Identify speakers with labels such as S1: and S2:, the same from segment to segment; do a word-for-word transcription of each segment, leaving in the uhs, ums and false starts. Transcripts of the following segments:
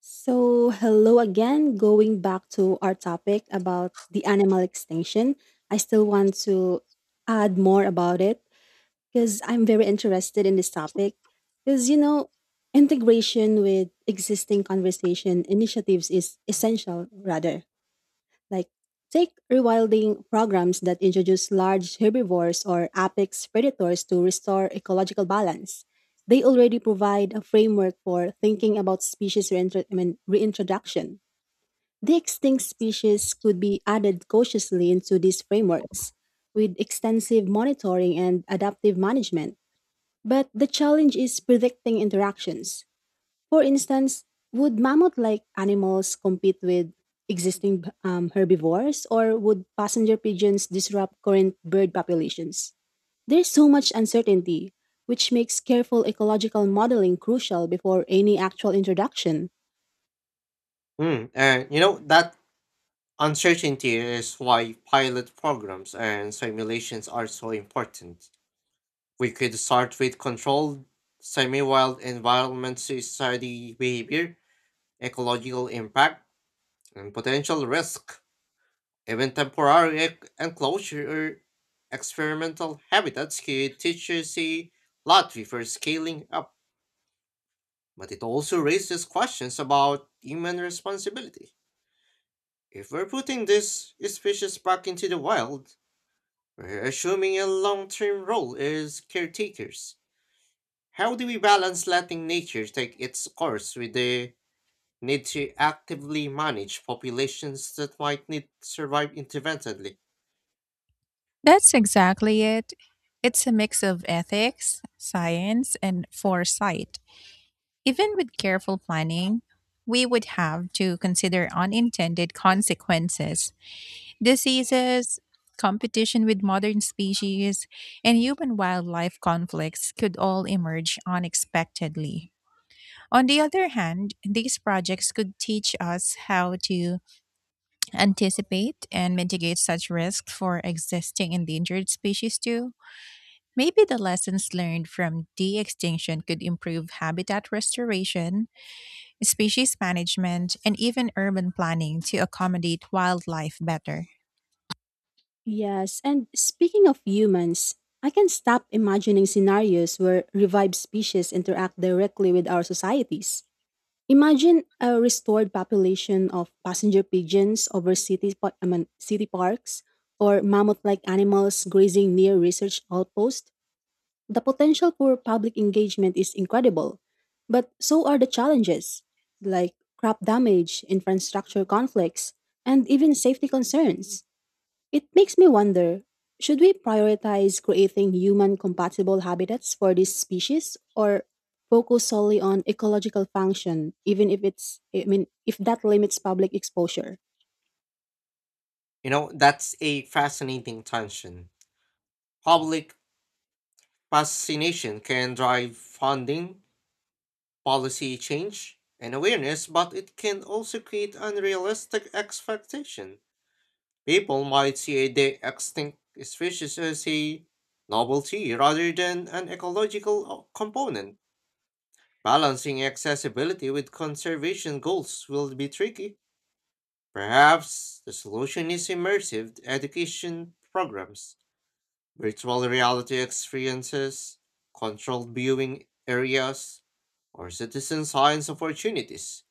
S1: So, hello again. Going back to our topic about the animal extinction, I still want to add more about it because I'm very interested in this topic. Because, you know, integration with existing conversation initiatives is essential, rather. Like, take rewilding programs that introduce large herbivores or apex predators to restore ecological balance. They already provide a framework for thinking about species reintro- I mean, reintroduction. The extinct species could be added cautiously into these frameworks with extensive monitoring and adaptive management. But the challenge is predicting interactions for instance, would mammoth-like animals compete with existing um, herbivores, or would passenger pigeons disrupt current bird populations? There's so much uncertainty, which makes careful ecological modeling crucial before any actual introduction.
S2: Mm, and you know, that uncertainty is why pilot programs and simulations are so important. We could start with controlled semi-wild environments to study behavior, ecological impact, and potential risk. Even temporary ec- enclosure or experimental habitats could teach us a lot before scaling up. But it also raises questions about human responsibility. If we're putting this species back into the wild, we're assuming a long term role as caretakers. How do we balance letting nature take its course with the need to actively manage populations that might need to survive intermittently?
S3: That's exactly it. It's a mix of ethics, science, and foresight. Even with careful planning, we would have to consider unintended consequences, diseases, competition with modern species, and human wildlife conflicts could all emerge unexpectedly. On the other hand, these projects could teach us how to anticipate and mitigate such risks for existing endangered species too. Maybe the lessons learned from de extinction could improve habitat restoration, species management, and even urban planning to accommodate wildlife better.
S1: Yes, and speaking of humans, I can stop imagining scenarios where revived species interact directly with our societies. Imagine a restored population of passenger pigeons over city, pa- I mean, city parks or mammoth like animals grazing near research outposts. The potential for public engagement is incredible, but so are the challenges like crop damage, infrastructure conflicts, and even safety concerns. It makes me wonder, should we prioritize creating human compatible habitats for this species or focus solely on ecological function even if it's I mean if that limits public exposure?
S2: You know, that's a fascinating tension. Public fascination can drive funding, policy change, and awareness, but it can also create unrealistic expectation. People might see a de- extinct species as a novelty rather than an ecological o- component. Balancing accessibility with conservation goals will be tricky. Perhaps the solution is immersive education programs, virtual reality experiences, controlled viewing areas, or citizen science opportunities,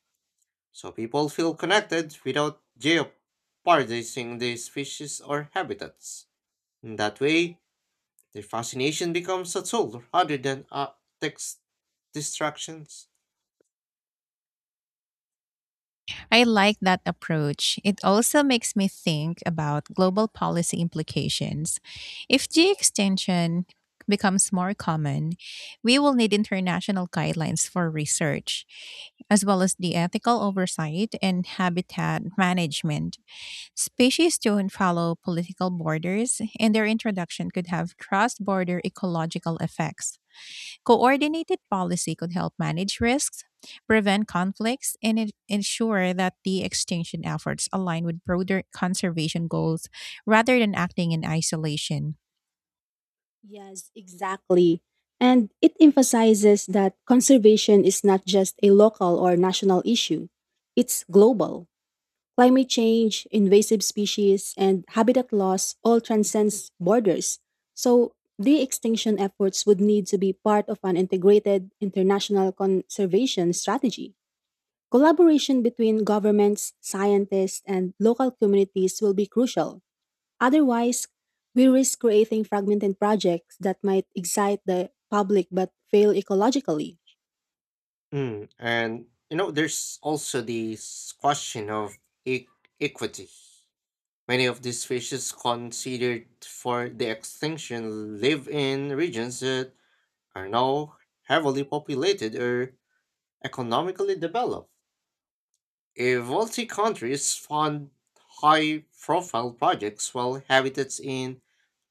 S2: so people feel connected without jeopardizing the species or habitats. In that way, their fascination becomes a tool rather than a text distractions.
S3: I like that approach. It also makes me think about global policy implications. If de extinction becomes more common, we will need international guidelines for research, as well as the ethical oversight and habitat management. Species don't follow political borders, and their introduction could have cross border ecological effects. Coordinated policy could help manage risks, prevent conflicts, and en- ensure that the extinction efforts align with broader conservation goals rather than acting in isolation.
S1: Yes, exactly. And it emphasizes that conservation is not just a local or national issue. It's global. Climate change, invasive species, and habitat loss all transcends borders. So de-extinction efforts would need to be part of an integrated international conservation strategy. Collaboration between governments, scientists, and local communities will be crucial. Otherwise, we risk creating fragmented projects that might excite the public but fail ecologically.
S2: Mm, and you know, there's also this question of e- equity. Many of these species considered for the extinction live in regions that are now heavily populated or economically developed. If wealthy countries fund high profile projects while habitats in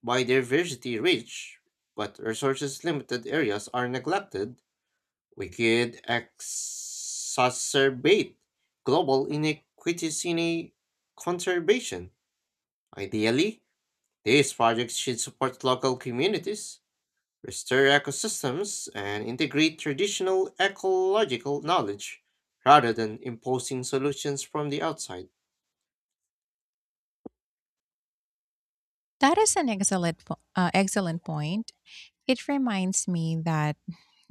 S2: biodiversity rich but resources limited areas are neglected, we could exacerbate global inequities in a conservation. Ideally, these projects should support local communities, restore ecosystems, and integrate traditional ecological knowledge rather than imposing solutions from the outside.
S3: That is an excellent, po- uh, excellent point. It reminds me that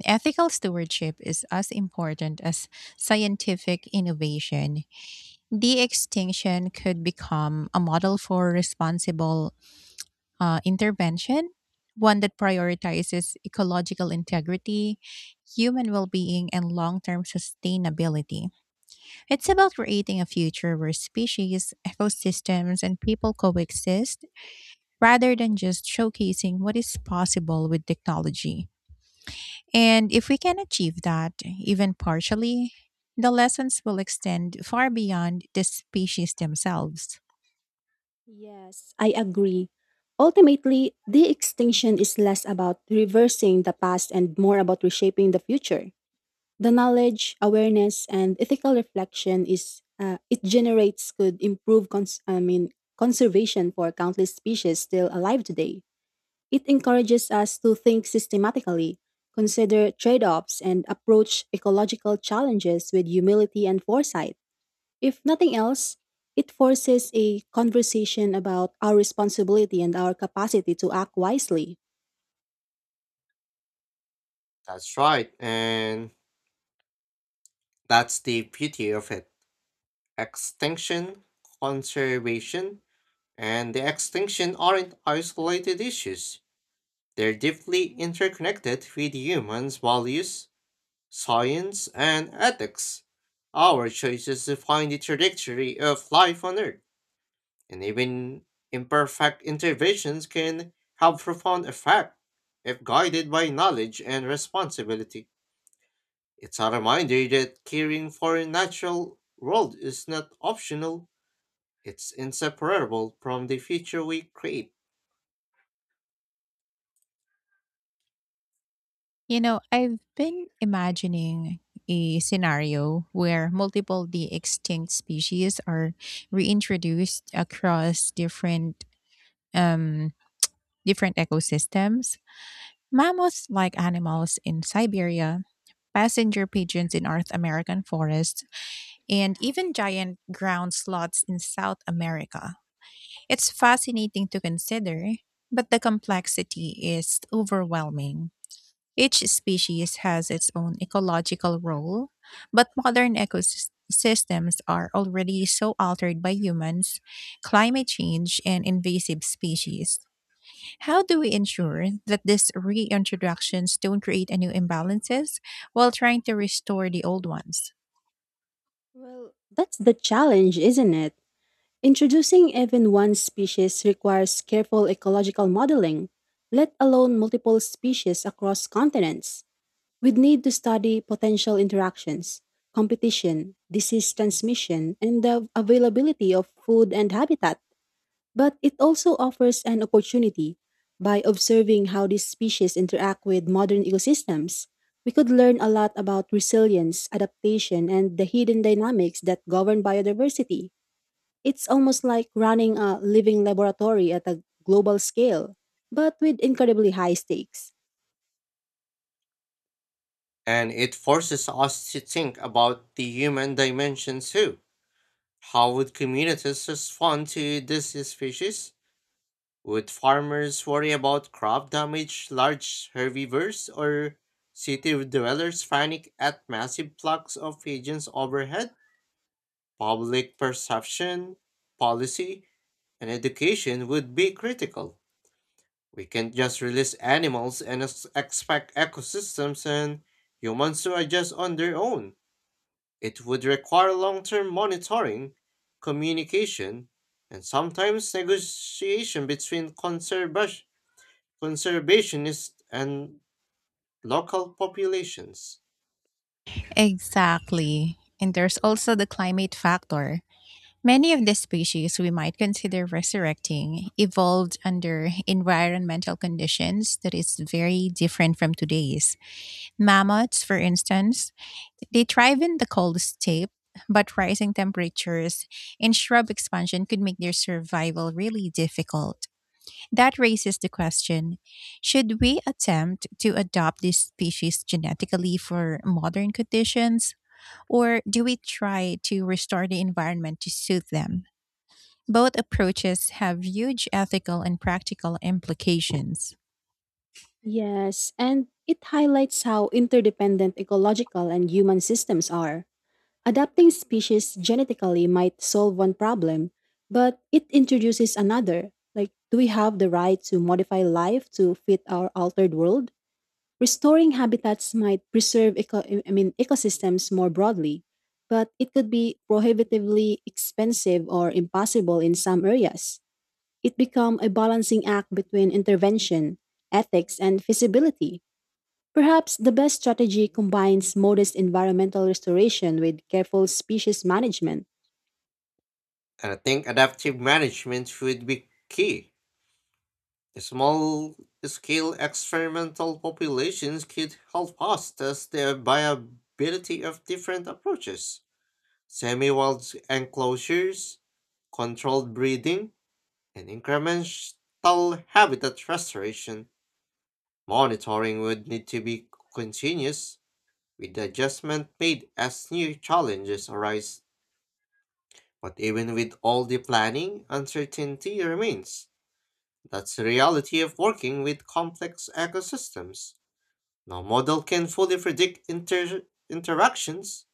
S3: ethical stewardship is as important as scientific innovation. De extinction could become a model for responsible uh, intervention, one that prioritizes ecological integrity, human well being, and long term sustainability. It's about creating a future where species, ecosystems, and people coexist rather than just showcasing what is possible with technology. And if we can achieve that, even partially, the lessons will extend far beyond the species themselves.
S1: Yes, I agree. Ultimately, the extinction is less about reversing the past and more about reshaping the future. The knowledge, awareness, and ethical reflection is uh, it generates could improve cons- I mean conservation for countless species still alive today. It encourages us to think systematically, consider trade-offs, and approach ecological challenges with humility and foresight. If nothing else, it forces a conversation about our responsibility and our capacity to act wisely.
S2: That's right, and that's the beauty of it. Extinction, conservation, and the extinction aren't isolated issues. They're deeply interconnected with humans' values, science, and ethics. Our choices define the trajectory of life on Earth, and even imperfect interventions can have profound effect if guided by knowledge and responsibility. It's a reminder that caring for a natural world is not optional, it's inseparable from the future we create.
S3: You know, I've been imagining a scenario where multiple the extinct species are reintroduced across different um different ecosystems. Mammoths like animals in Siberia, passenger pigeons in North American forests, and even giant ground sloths in South America. It's fascinating to consider, but the complexity is overwhelming. Each species has its own ecological role, but modern ecosystems are already so altered by humans, climate change, and invasive species. How do we ensure that these reintroductions don't create a new imbalances while trying to restore the old ones?
S1: Well, that's the challenge, isn't it? Introducing even one species requires careful ecological modeling, let alone multiple species across continents. We'd need to study potential interactions, competition, disease transmission, and the availability of food and habitat. But it also offers an opportunity. By observing how these species interact with modern ecosystems, we could learn a lot about resilience, adaptation, and the hidden dynamics that govern biodiversity. It's almost like running a living laboratory at a global scale, but with incredibly high stakes.
S2: And it forces us to think about the human dimension too. How would communities respond to these species? Would farmers worry about crop damage, large herbivores, or city dwellers panic at massive flocks of pigeons overhead? Public perception, policy, and education would be critical. We can't just release animals and ex- expect ecosystems and humans to adjust on their own. It would require long term monitoring, communication, and sometimes negotiation between conservas- conservationists and local populations.
S3: Exactly. And there's also the climate factor. Many of the species we might consider resurrecting evolved under environmental conditions that is very different from today's. Mammoths, for instance, they thrive in the cold steppe, but rising temperatures and shrub expansion could make their survival really difficult. That raises the question, should we attempt to adopt this species genetically for modern conditions, or do we try to restore the environment to suit them? Both approaches have huge ethical and practical implications.
S1: Yes, and it highlights how interdependent ecological and human systems are. Adapting species genetically might solve one problem, but it introduces another. Like, do we have the right to modify life to fit our altered world? Restoring habitats might preserve eco- I mean, ecosystems more broadly, but it could be prohibitively expensive or impossible in some areas. It becomes a balancing act between intervention, ethics, and feasibility. Perhaps the best strategy combines modest environmental restoration with careful species management.
S2: And I think adaptive management would be key. Small scale experimental populations could help us test the viability of different approaches. Semi wild enclosures, controlled breeding, and incremental habitat restoration. Monitoring would need to be continuous, with adjustment made as new challenges arise. But even with all the planning, uncertainty remains. That's the reality of working with complex ecosystems. No model can fully predict inter- interactions,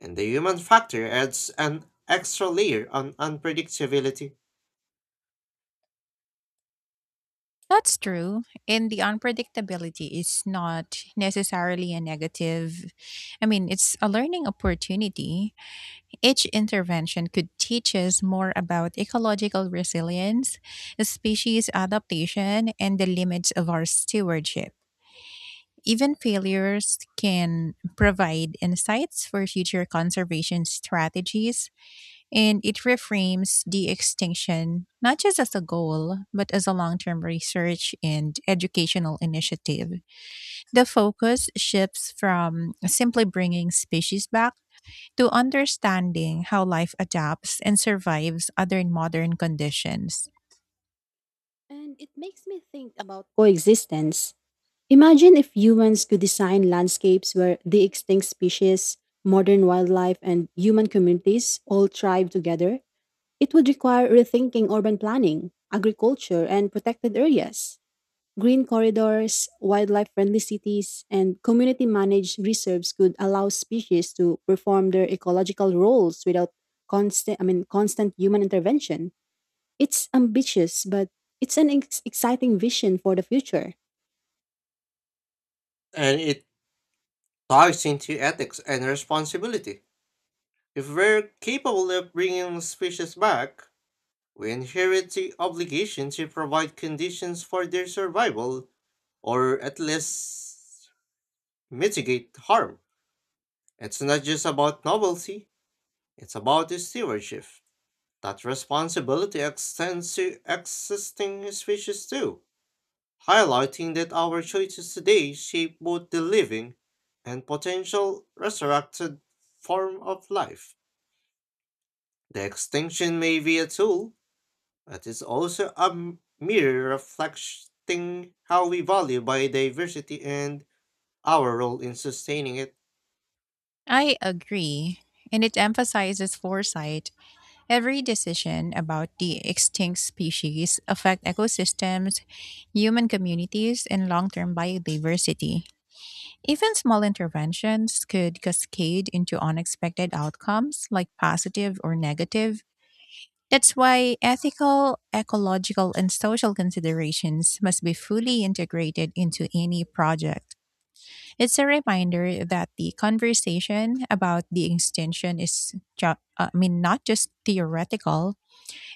S2: and the human factor adds an extra layer on unpredictability.
S3: That's true, and the unpredictability is not necessarily a negative. I mean, it's a learning opportunity. Each intervention could teach us more about ecological resilience, species adaptation, and the limits of our stewardship. Even failures can provide insights for future conservation strategies, and it reframes de extinction not just as a goal, but as a long term research and educational initiative. The focus shifts from simply bringing species back to understanding how life adapts and survives under modern conditions.
S1: And it makes me think about coexistence. Imagine if humans could design landscapes where the extinct species, modern wildlife, and human communities all thrive together. It would require rethinking urban planning, agriculture, and protected areas. Green corridors, wildlife friendly cities, and community managed reserves could allow species to perform their ecological roles without constant I mean constant human intervention. It's ambitious, but it's an ex- exciting vision for the future.
S2: And it ties into ethics and responsibility. If we're capable of bringing species back, we inherit the obligation to provide conditions for their survival, or at least mitigate harm. It's not just about novelty, it's about stewardship. That responsibility extends to existing species too, highlighting that our choices today shape both the living and potential resurrected form of life. The extinction may be a tool, but it's also a m- mirror reflecting how we value biodiversity and our role in sustaining it.
S3: I agree. And it emphasizes foresight. Every decision about the extinct species affect ecosystems, human communities, and long-term biodiversity. Even small interventions could cascade into unexpected outcomes, like positive or negative. That's why ethical, ecological, and social considerations must be fully integrated into any project. It's a reminder that the conversation about the extinction is, ju- uh, I mean, not just theoretical,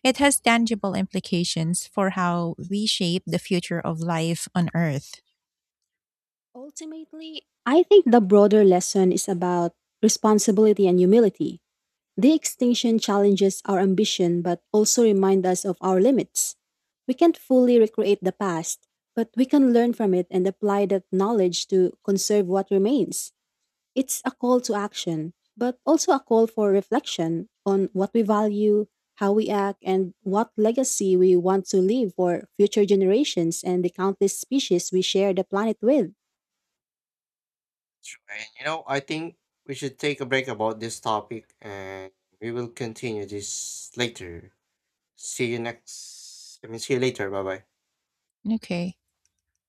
S3: it has tangible implications for how we shape the future of life on Earth.
S1: Ultimately, I think the broader lesson is about responsibility and humility. The extinction challenges our ambition but also remind us of our limits. We can't fully recreate the past, but we can learn from it and apply that knowledge to conserve what remains. It's a call to action, but also a call for reflection on what we value, how we act, and what legacy we want to leave for future generations and the countless species we share the planet with.
S2: Sure, and you know, I think we should take a break about this topic and we will continue this later. See you next, I mean, see you later. Bye bye.
S3: Okay.